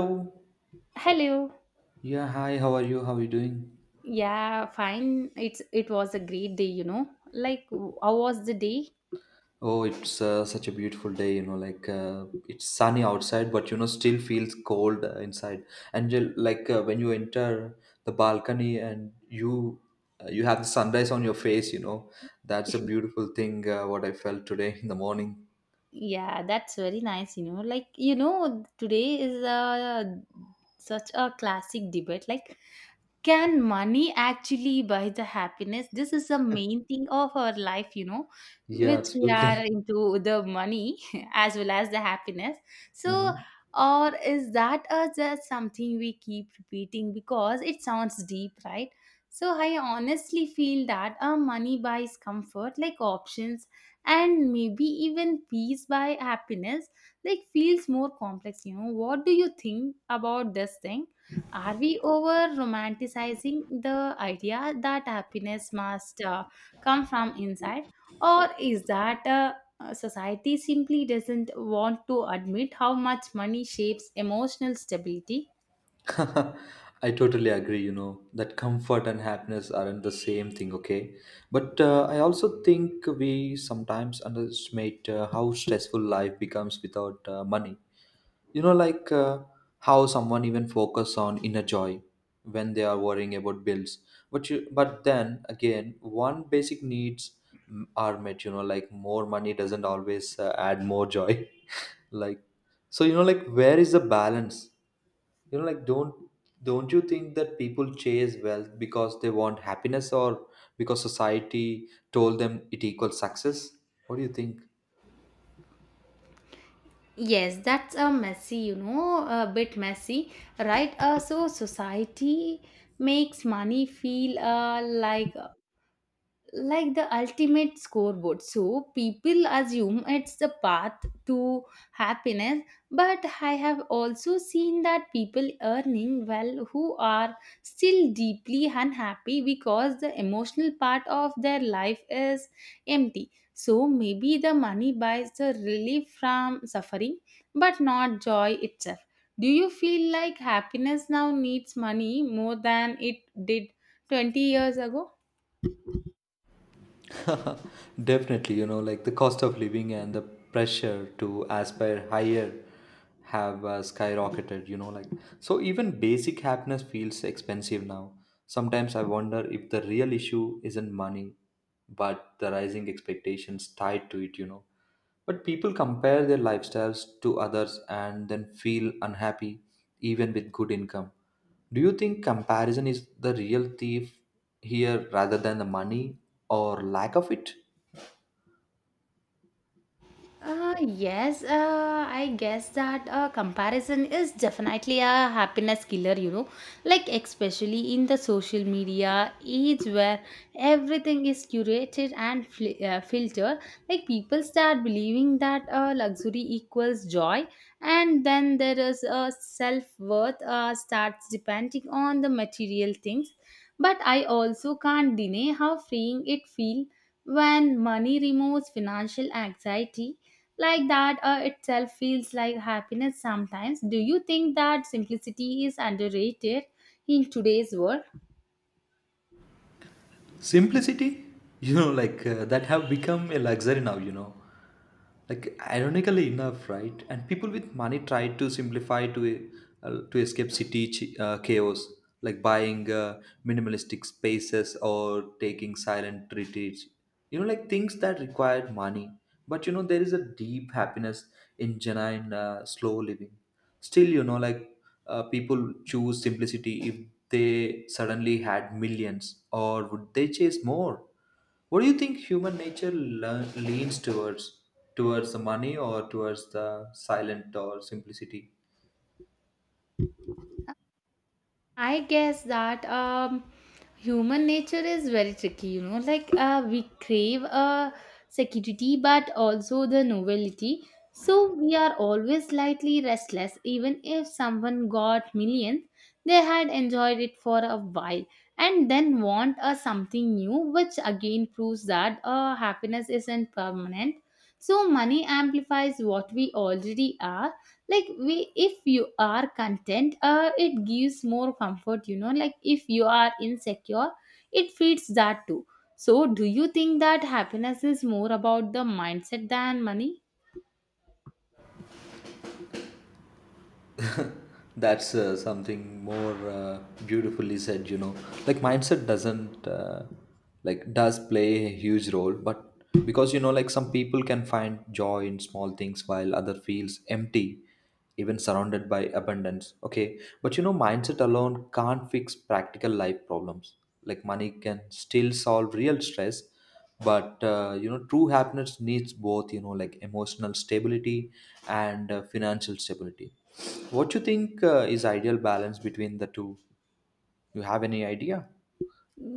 Hello. Hello. Yeah, hi, how are you? How are you doing? Yeah, fine. It was a great day. How was the day? Oh, it's such a beautiful day, it's sunny outside, but you know, still feels cold inside. And you, when you enter the balcony and you have the sunrise on your face, you know, that's a beautiful thing what I felt today in the morning. Yeah, that's very nice. Today is a such a classic debate. Like can money actually buy the happiness? This is the main thing of our life. Yeah, Which we absolutely. are into the money as well as the happiness. So Mhm. or is that just something we keep repeating because it sounds deep, right? So I honestly feel that money buys comfort, like options, and maybe even peace by happiness like feels more complex. What do you think about this thing? Are we over romanticizing the idea that happiness must come from inside, or is that society simply doesn't want to admit how much money shapes emotional stability? I totally agree, you know, that comfort and happiness aren't the same thing, okay? But I also think we sometimes underestimate how stressful life becomes without money. You know, like uh, how someone even focus on inner joy when they are worrying about bills. But you, but then again, one basic needs are met, you know, like more money doesn't always add more joy. like so where is the balance, you know like don't don't you think that people chase wealth because they want happiness, or because society told them it equals success? What do you think? Yes, that's a messy, a bit messy, right? So society makes money feel like the ultimate scoreboard. So people assume it's the path to happiness, but I have also seen that people earning well who are still deeply unhappy because the emotional part of their life is empty. So maybe the money buys the relief from suffering, but not joy itself. Do you feel like happiness now needs money more than it did 20 years ago? Definitely, the cost of living and the pressure to aspire higher have skyrocketed, so even basic happiness feels expensive now. Sometimes I wonder if the real issue isn't money but the rising expectations tied to it, you know. But people compare their lifestyles to others and then feel unhappy even with good income. Do you think comparison is the real thief here rather than the money or lack of it? Yes, I guess that comparison is definitely a happiness killer, you know, like especially in the social media age where everything is curated and filtered. Like people start believing that luxury equals joy, and then there is a self worth starts depending on the material things. But I also can't deny how freeing it feels when money removes financial anxiety, like that itself feels like happiness sometimes. Do you think that simplicity is underrated in today's world? Simplicity, that have become a luxury now, you know. like Ironically enough, right? And people with money try to simplify to escape city chaos, like buying minimalistic spaces or taking silent retreats, things that required money. But you know, there is a deep happiness in genuine slow living still, people choose simplicity if they suddenly had millions, or would they chase more? What do you think human nature leans towards? Towards the money or towards the silent or simplicity? I guess that human nature is very tricky, you know. Like we crave security, but also the novelty. So we are always slightly restless. Even if someone got millions, they had enjoyed it for a while and then want something new, which again proves that happiness isn't permanent. So money amplifies what we already are, like we, if you are content it gives more comfort, you know, like if you are insecure it feeds that too. So do you think that happiness is more about the mindset than money? That's something more beautifully said, you know. Like mindset doesn't, like, does play a huge role, but because you know, like, some people can find joy in small things while other feels empty, even surrounded by abundance. Okay, but you know, mindset alone can't fix practical life problems. Like, money can still solve real stress, but you know, true happiness needs both, you know, like emotional stability and financial stability. What you think is ideal balance between the two? You have any idea?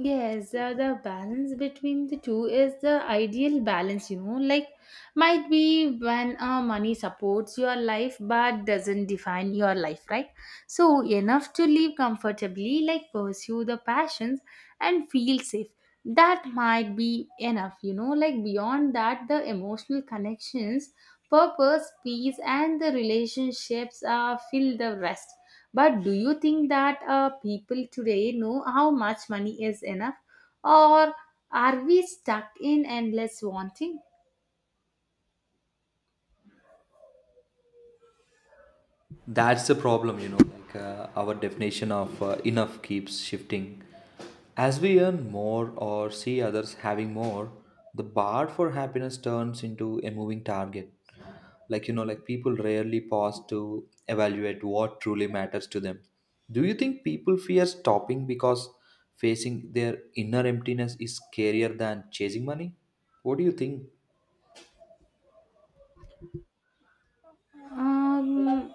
Yes, the balance between the two is the ideal balance, you know. Like, might be when money supports your life but doesn't define your life, right? So, enough to live comfortably, like pursue the passions and feel safe. That might be enough, you know. Like, beyond that, the emotional connections, purpose, peace, and the relationships fill the rest. But do you think that people today know how much money is enough? Or are we stuck in endless wanting? That's the problem, our definition of enough keeps shifting. As we earn more or see others having more, the bar for happiness turns into a moving target. Like, people rarely pause to evaluate what truly matters to them. Do you think people fear stopping because facing their inner emptiness is scarier than chasing money? What do you think? Um,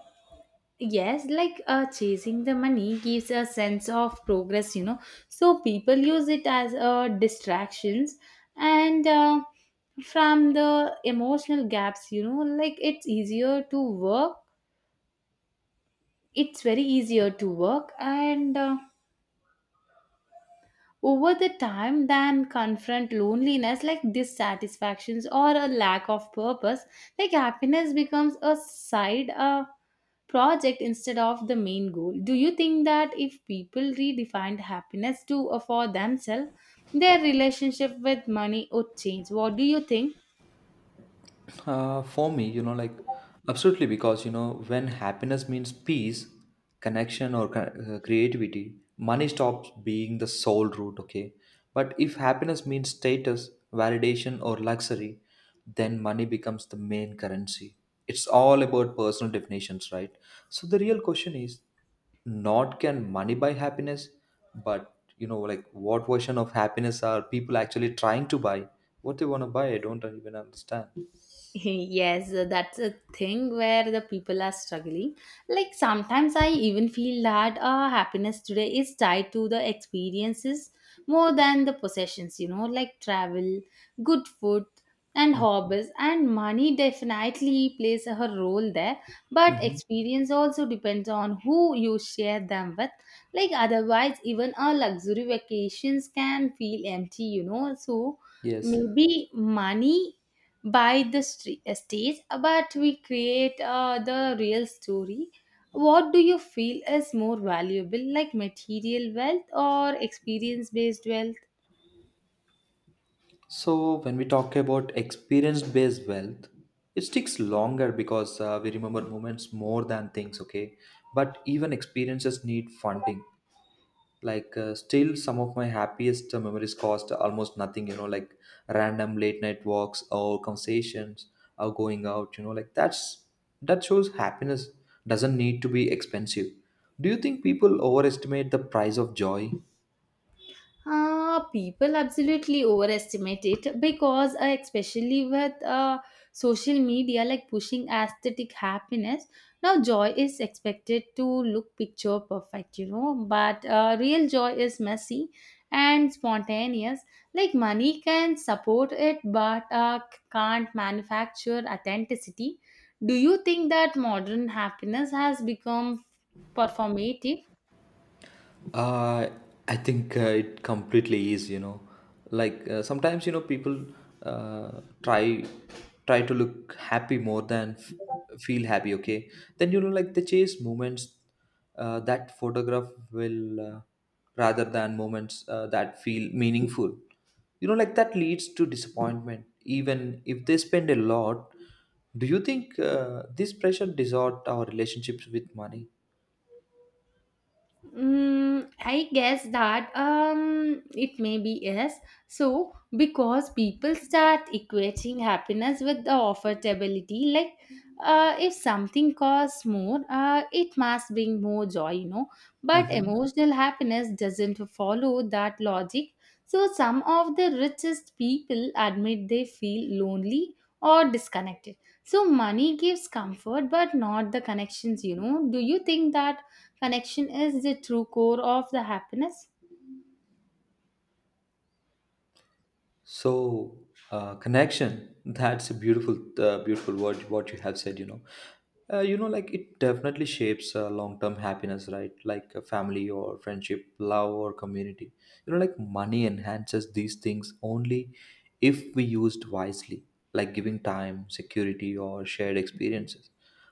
yes, like chasing the money gives a sense of progress, you know. So people use it as distractions and from the emotional gaps, you know, like it's easier to work. It's very easier to work and over the time than confront loneliness, like dissatisfactions or a lack of purpose. Like happiness becomes a side project instead of the main goal. Do you think that if people redefined happiness to for themselves, their relationship with money would change? What do you think? For me, absolutely, because you know, when happiness means peace, connection, or creativity, money stops being the sole route, okay? But if happiness means status, validation, or luxury, then money becomes the main currency. It's all about personal definitions, right? So the real question is not can money buy happiness, but you know, like what version of happiness are people actually trying to buy? What they want to buy, I don't even understand. Yes, that's a thing where the people are struggling. Like sometimes I even feel that happiness today is tied to the experiences more than the possessions, you know, like travel, good food, and hobbies. And money definitely plays a role there, but Mhm. experience also depends on who you share them with. Like otherwise, even a luxury vacations can feel empty, you know. So Yes. maybe money by the stage, but we create the real story. What do you feel is more valuable, like material wealth or experience based wealth? So when we talk about experience-based wealth, it sticks longer because we remember moments more than things, okay? But even experiences need funding. Like, still, some of my happiest memories cost almost nothing, you know, like random late night walks or conversations or going out, you know, like that shows happiness doesn't need to be expensive. Do you think people overestimate the price of joy? People absolutely overestimate it because, especially with social media like pushing aesthetic happiness, now joy is expected to look picture perfect, you know. But real joy is messy and spontaneous. Like money can support it, but can't manufacture authenticity. Do you think that modern happiness has become performative? Uh, I think it completely is, you know. Like sometimes, you know, people uh, try try to look happy more than feel happy. Okay, then you know, like they chase moments that photograph will rather than moments that feel meaningful. You know, like that leads to disappointment, even if they spend a lot. Do you think this pressure distort our relationships with money? I guess that it may be yes. So because people start equating happiness with the affordability, like if something costs more, it must bring more joy, you know. But emotional happiness doesn't follow that logic. So some of the richest people admit they feel lonely or disconnected. So money gives comfort, but not the connections, you know. Do you think that? Connection is the true core of the happiness. So connection. That's a beautiful, beautiful word, what you have said, you know, it definitely shapes long-term happiness, right? Like family or friendship, love or community. You know, like money enhances these things only if we used wisely, like giving time, security, or shared experiences.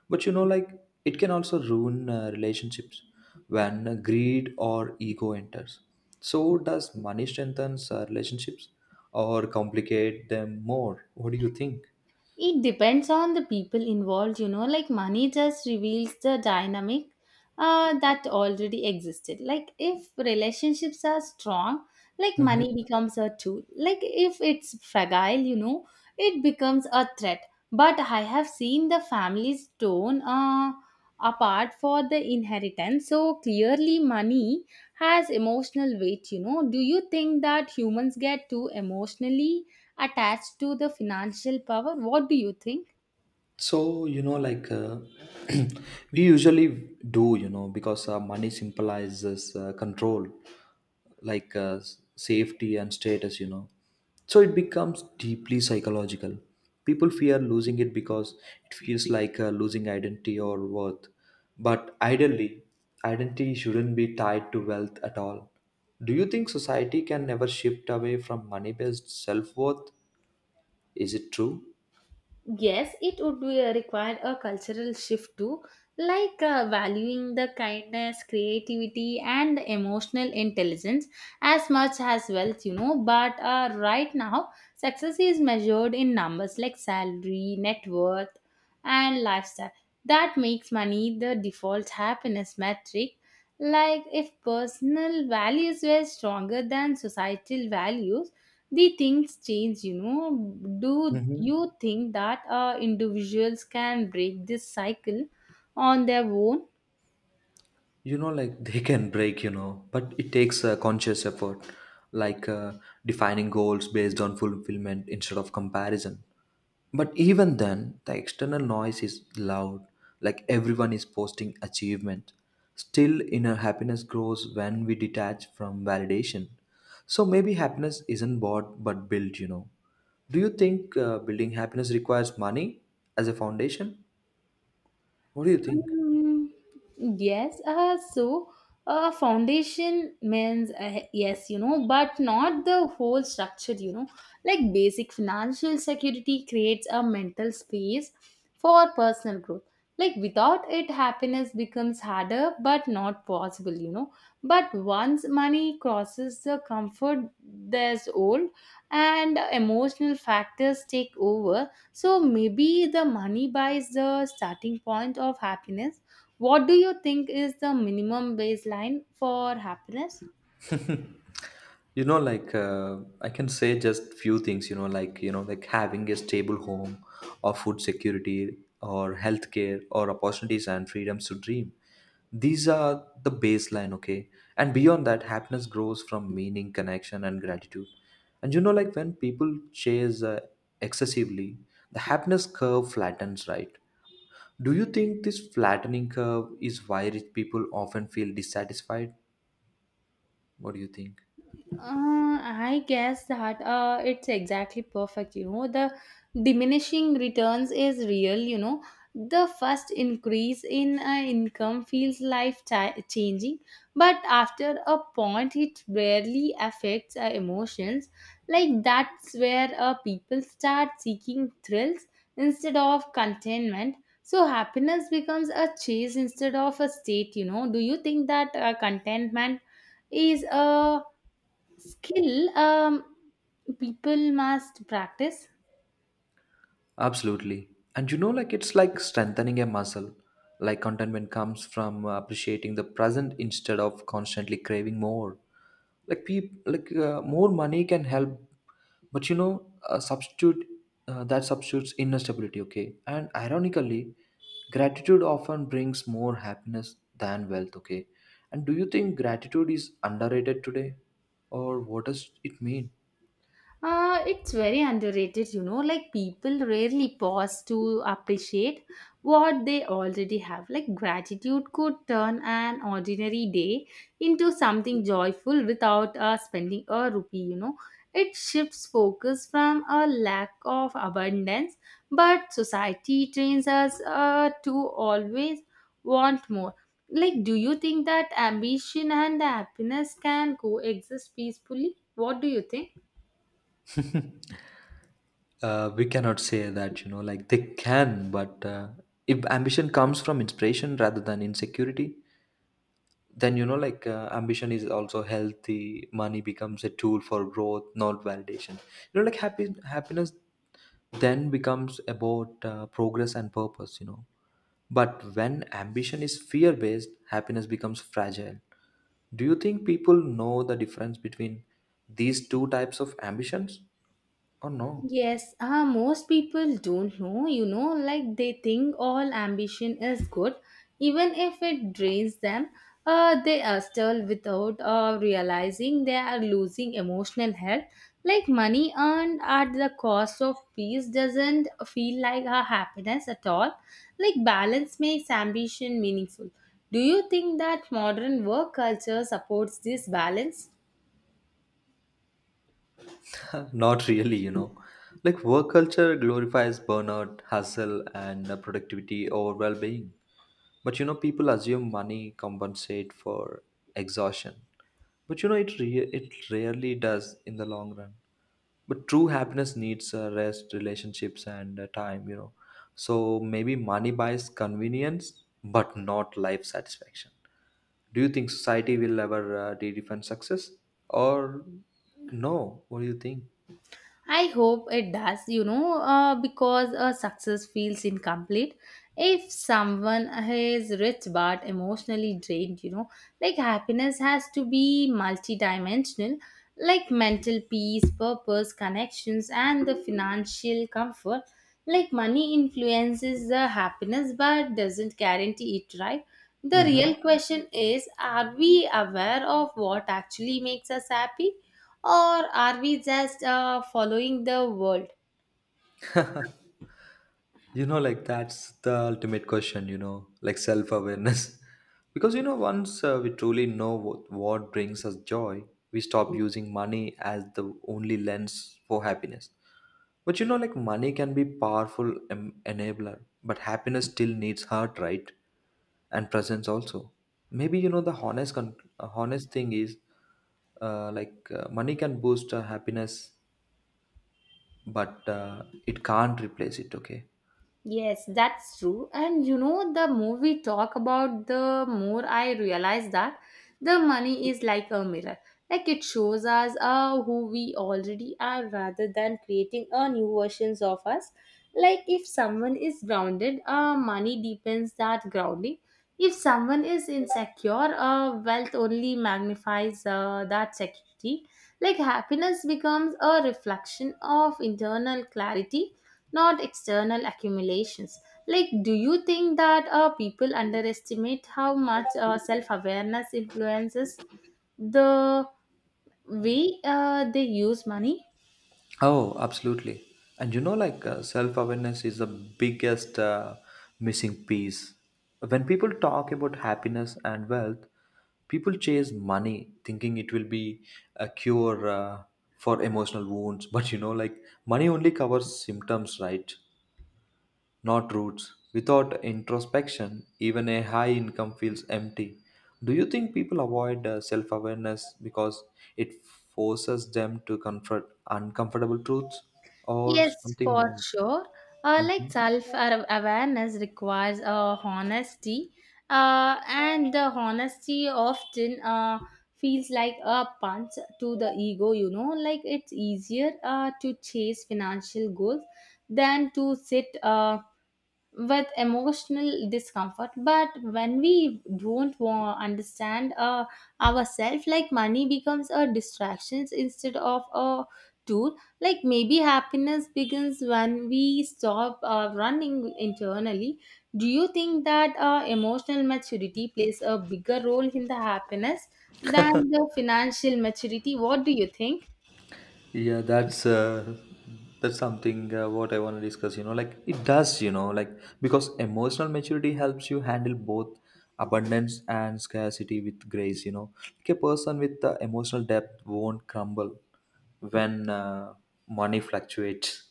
But you know, like it can also ruin relationships when greed or ego enters. So, does money strengthen relationships or complicate them more? What do you think? It depends on the people involved, you know, like money just reveals the dynamic that already existed. Like if relationships are strong, like money becomes a tool. Like if it's fragile, you know, it becomes a threat. But I have seen the families torn apart for the inheritance. So clearly, money has emotional weight, you know. Do you think that humans get too emotionally attached to the financial power? What do you think? So, we usually do, you know, because money symbolizes control, like safety and status, you know. So it becomes deeply psychological. People fear losing it because it feels like losing identity or worth. But ideally, identity shouldn't be tied to wealth at all. Do you think society can never shift away from money based self worth? Is it true? Yes, it would be require a cultural shift too, like valuing the kindness, creativity, and emotional intelligence as much as wealth, you know. But right now, success is measured in numbers like salary, net worth, and lifestyle. That makes money the default happiness metric. Like, if personal values were stronger than societal values, the things change, you know. Do you think that individuals can break this cycle on their own? They can break, you know, but it takes a conscious effort, like defining goals based on fulfillment instead of comparison. But even then the external noise is loud, like everyone is posting achievement. Still, inner happiness grows when we detach from validation. So maybe happiness isn't bought but built, you know. Do you think building happiness requires money as a foundation? What do you think? Um, yes, so foundation means yes, you know, but not the whole structure, you know, like basic financial security creates a mental space for personal growth. Like without it, happiness becomes harder but not possible, you know. But once money crosses the comfort threshold and emotional factors take over, so maybe the money buys the starting point of happiness. What do you think is the minimum baseline for happiness? you know like uh, I can say just few things, you know, like having a stable home or food security or healthcare or opportunities and freedoms to dream, these are the baseline, okay? And beyond that, happiness grows from meaning, connection and gratitude. And you know, like when people chase excessively, the happiness curve flattens, right? Do you think this flattening curve is why rich people often feel dissatisfied? What do you think? I guess that it's exactly perfect. You know, the diminishing returns is real. You know, the first increase in income feels life changing, but after a point, it rarely affects emotions. Like that's where people start seeking thrills instead of contentment. So happiness becomes a chase instead of a state. You know, do you think that contentment is a skill people must practice? Absolutely. And you know, like it's like strengthening a muscle. Like contentment comes from appreciating the present instead of constantly craving more. Like people, more money can help, but you know, substitute that substitutes inner stability. Okay, and ironically, gratitude often brings more happiness than wealth. Okay, and do you think gratitude is underrated today, or what does it mean? It's very underrated, you know. Like, people rarely pause to appreciate what they already have. Like, gratitude could turn an ordinary day into something joyful without spending a rupee, you know. It shifts focus from a lack of abundance, but society trains us to always want more. Like, do you think that ambition and happiness can coexist peacefully? What do you think? We cannot say that, you know, like they can. But if ambition comes from inspiration rather than insecurity, then ambition is also healthy. Money becomes a tool for growth, not validation, you know, like happy happiness then becomes about progress and purpose, you know. But when ambition is fear based, happiness becomes fragile. Do you think people know the difference between these two types of ambitions or no? Yes, most people don't know, you know, like they think all ambition is good, even if it drains them. They are still without realizing they are losing emotional health. Like money earned at the cost of peace doesn't feel like a happiness at all. Like balance makes ambition meaningful. Do you think that modern work culture supports this balance? Not really, you know. Like work culture glorifies burnout, hustle, and productivity over well-being. But you know, people assume money compensate for exhaustion. But you know, it rarely does in the long run. But true happiness needs rest, relationships, and time. You know, so maybe money buys convenience, but not life satisfaction. Do you think society will ever redefine success, or no? What do you think? I hope it does, you know, because a success feels incomplete if someone is rich but emotionally drained, you know. Like happiness has to be multidimensional, like mental peace, purpose, connections, and the financial comfort. Like money influences the happiness but doesn't guarantee it, right? The Mm-hmm. real question is, are we aware of what actually makes us happy? Or are we just following the world? That's the ultimate question, you know, like self-awareness. Because you know, once we truly know what brings us joy, we stop using money as the only lens for happiness. But you know, like money can be powerful enabler, but happiness still needs heart, right? And presence also. Maybe you know, the honest honest thing is money can boost happiness, but it can't replace it, okay? Yes, that's true. And you know, the more we talk about, the more I realize that the money is like a mirror. Like it shows us who we already are rather than creating a new versions of us. Like if someone is grounded, money deepens that grounding. If someone is insecure, wealth only magnifies that security. Like happiness becomes a reflection of internal clarity, not external accumulations. Like, do you think that people underestimate how much self awareness influences the way they use money? Oh, absolutely. And you know, like self awareness is the biggest missing piece. When people talk about happiness and wealth, people chase money thinking it will be a cure for emotional wounds. But you know, like money only covers symptoms, right? Not roots. Without introspection, even a high income feels empty. Do you think people avoid self awareness because it forces them to confront uncomfortable truths or Yes, something for more? sure. Like Mhm. self awareness requires honesty, and the honesty often feels like a punch to the ego, you know, like it's easier to chase financial goals than to sit. With emotional discomfort, but when we don't understand ourselves, like money becomes a distraction instead of a tool. Like maybe happiness begins when we stop running internally. Do you think that emotional maturity plays a bigger role in the happiness than the financial maturity? What do you think? Yeah, that's something what I want to discuss. You know, like it does. You know, like because emotional maturity helps you handle both abundance and scarcity with grace. You know, like a person with emotional depth won't crumble when money fluctuates,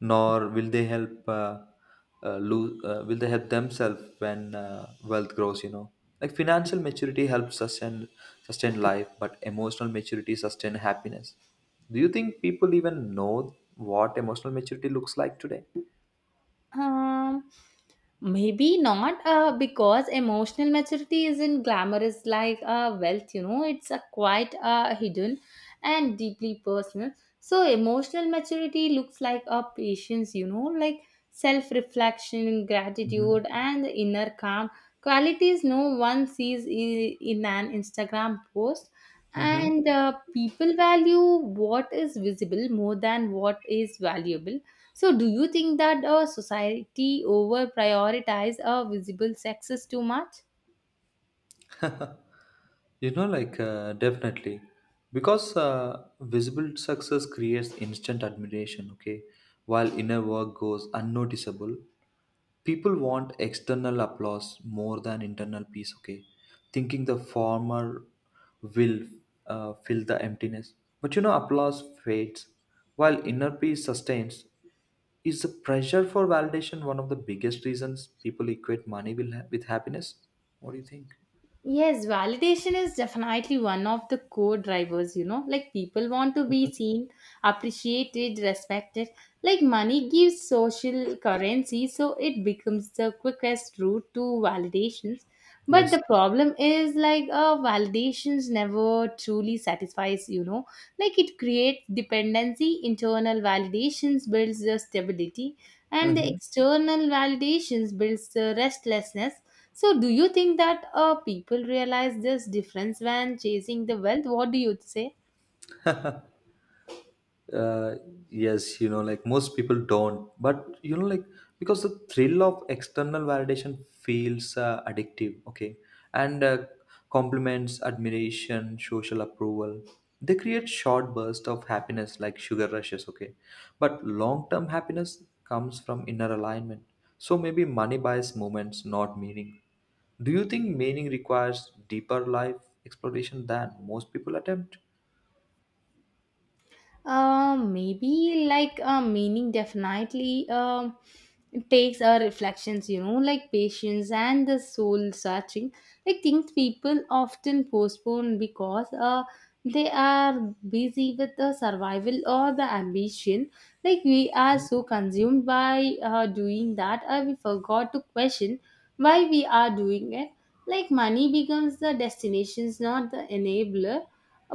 nor will they help lose will they help themselves when wealth grows, you know. Like financial maturity helps sustain life, but emotional maturity sustain happiness. Do you think people even know what emotional maturity looks like today? Um, Maybe not because emotional maturity isn't glamorous like wealth, you know, it's a quite hidden and deeply personal. So, emotional maturity looks like a patience, you know, like self reflection, Mm-hmm. gratitude, and the inner calm qualities no one sees in an Instagram post. And people value what is visible more than what is valuable, so, do you think that a society over prioritize a visible sexes too much? Mm-hmm. Definitely, because visible success creates instant admiration, okay, while inner work goes unnoticeable. People want external applause more than internal peace, okay? Thinking the former will fill the emptiness. But you know, applause fades while inner peace sustains. Is the pressure for validation one of the biggest reasons people equate money with happiness? What do you think? Yes, validation is definitely one of the core drivers, you know. Like people want to be seen, appreciated, respected. Like money gives social currency, so it becomes the quickest route to validations. But Yes. the problem is like validations never truly satisfies, you know. Like it creates dependency, internal validations builds the stability and the Mm-hmm. external validations builds the restlessness. So, do you think that people realize this difference when chasing the wealth? What do you say? uh, yes, you know, like most people don't. But you know, like because the thrill of external validation feels addictive, okay, and compliments, admiration, social approval, they create short bursts of happiness like sugar rushes, okay. But long term happiness comes from inner alignment. So maybe money buys moments, not meaning. Do you think meaning requires deeper life exploration than most people attempt? Maybe like meaning definitely takes reflections, you know, like patience and the soul searching, like things people often postpone because they are busy with the survival or the ambition. Like we are so consumed by doing that we forgot to question why we are doing it. Like money becomes the destinations, not the enabler,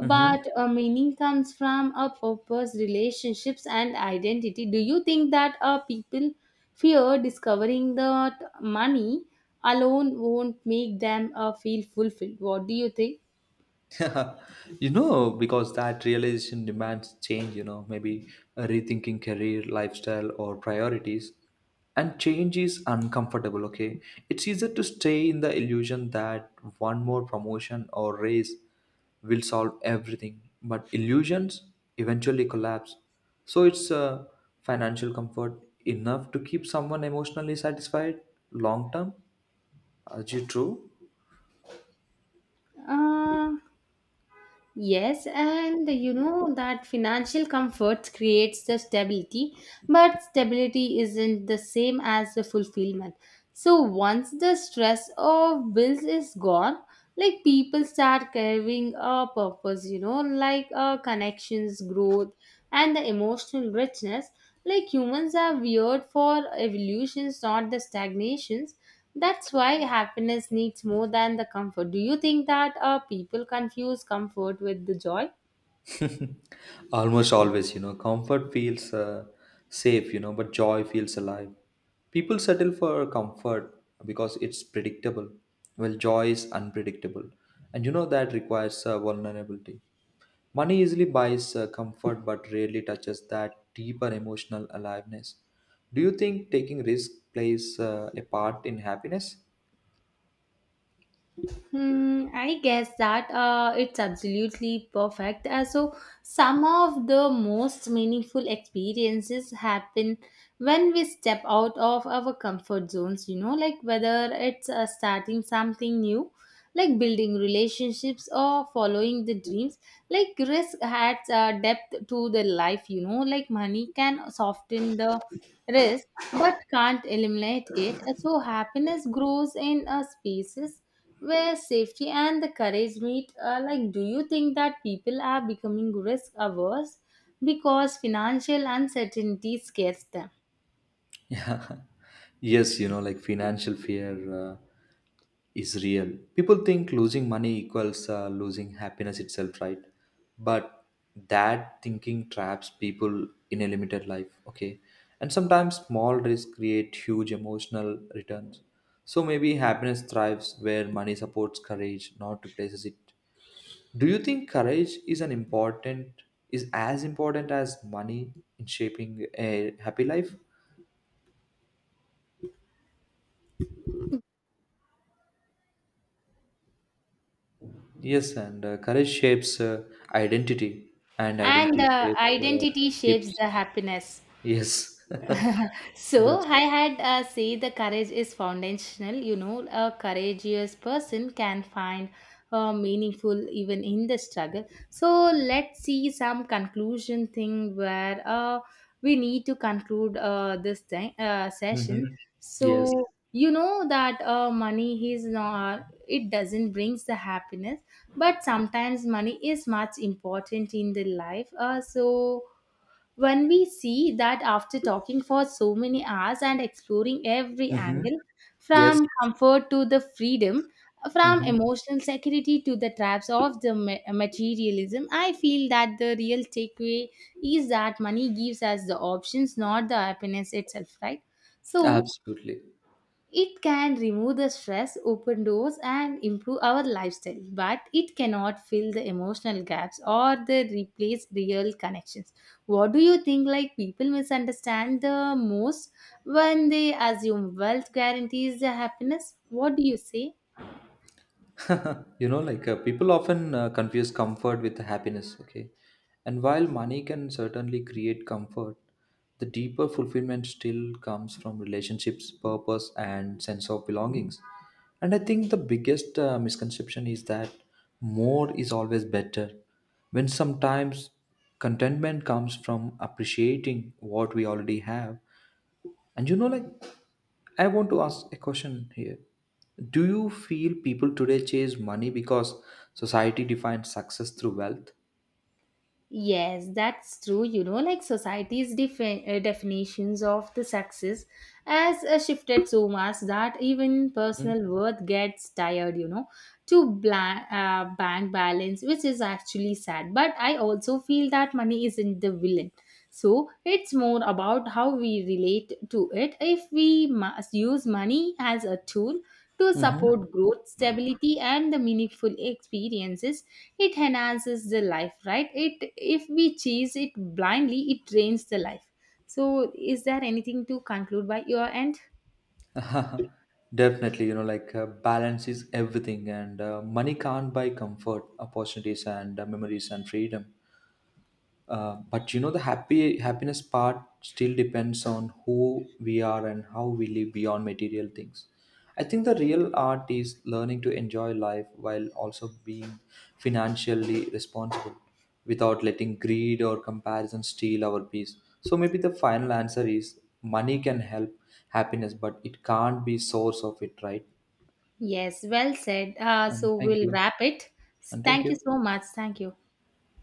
Mhm. a meaning comes from a purpose, relationships and identity. Do you think that people fear discovering that money alone won't make them feel fulfilled? What do you think? You know, because that realization demands change, you know, maybe rethinking career, lifestyle, or priorities. And change is uncomfortable, okay? It's easier to stay in the illusion that one more promotion or raise will solve everything. But illusions eventually collapse. So it's financial comfort enough to keep someone emotionally satisfied long term. Are you true? uh, Yes, and you know that financial comfort creates the stability, but stability isn't the same as the fulfillment. So once the stress of bills is gone, like people start carrying a purpose, you know, like connections, growth, and the emotional richness. Like humans are weird for evolutions, not the stagnations. That's why happiness needs more than the comfort. Do you think that people confuse comfort with the joy? Almost always, you know, comfort feels safe, you know, but joy feels alive. People settle for comfort because it's predictable. Well, joy is unpredictable. And you know that requires vulnerability. Money easily buys comfort but rarely touches that deeper emotional aliveness. Do you think taking risk plays a part in happiness? Hmm, I guess that it's absolutely perfect. So, some of the most meaningful experiences happen when we step out of our comfort zones, you know, like whether it's starting something new, like building relationships or following the dreams. Like risk adds depth to the life, you know, like money can soften the risk but can't eliminate it, so happiness grows in spaces where safety and the courage meet. Like, do you think that people are becoming risk averse because financial uncertainty scares them? Yeah. Yes, you know, like financial fear uh, is real. People think losing money equals losing happiness itself, right? But that thinking traps people in a limited life, okay? And sometimes small risks create huge emotional returns. So maybe happiness thrives where money supports courage, not replaces it. Do you think courage is an important Is as important as money in shaping a happy life? Yes, and courage shapes identity, and And identity shapes identity shapes hips. the happiness. Yes, So that's. I had say the courage is foundational. You know, a courageous person can find meaningful even in the struggle. So let's see some conclusion thing where we need to conclude this thing, session. Hmm. Yes. So you know that money is not, it doesn't brings the happiness, but sometimes money is much important in the life. So when we see that after talking for so many hours and exploring every Hmm. angle, Yes. from comfort to the freedom, from Hmm. emotional security to the traps of the materialism, I feel that the real takeaway is that money gives us the options, not the happiness itself, right? So, Absolutely. it can remove the stress, open doors, and improve our lifestyle, but it cannot fill the emotional gaps or the replace real connections. What do you think? Like people misunderstand the most when they assume wealth guarantees the happiness. What do you say? People often confuse comfort with happiness, okay. And while money can certainly create comfort, the deeper fulfillment still comes from relationships, purpose and sense of belongings. And I think the biggest misconception is that more is always better, when sometimes contentment comes from appreciating what we already have. And you know, like, I want to ask a question here. Do you feel people today chase money because society defines success through wealth? Yes, that's true. You know, like society's definitions of the success has shifted so much that even personal worth gets tired, you know, to bank balance, which is actually sad. But I also feel that money isn't the villain. So it's more about how we relate to it. If we must use money as a tool to Mm-hmm. support growth, stability, and the meaningful experiences. It enhances the life, right? It if we chase it blindly, it drains the life. So, is there anything to conclude by your end? Definitely, you know, like balance is everything, and money can't buy comfort, opportunities, and memories and freedom. But you know, the happy happiness part still depends on who we are and how we live beyond material things. I think the real art is learning to enjoy life while also being financially responsible without letting greed or comparison steal our peace. So maybe the final answer is money can help happiness, but it can't be source of it, right? Yes, well said. And So thank we'll you. wrap it. And thank Thank you you. so much. Thank you.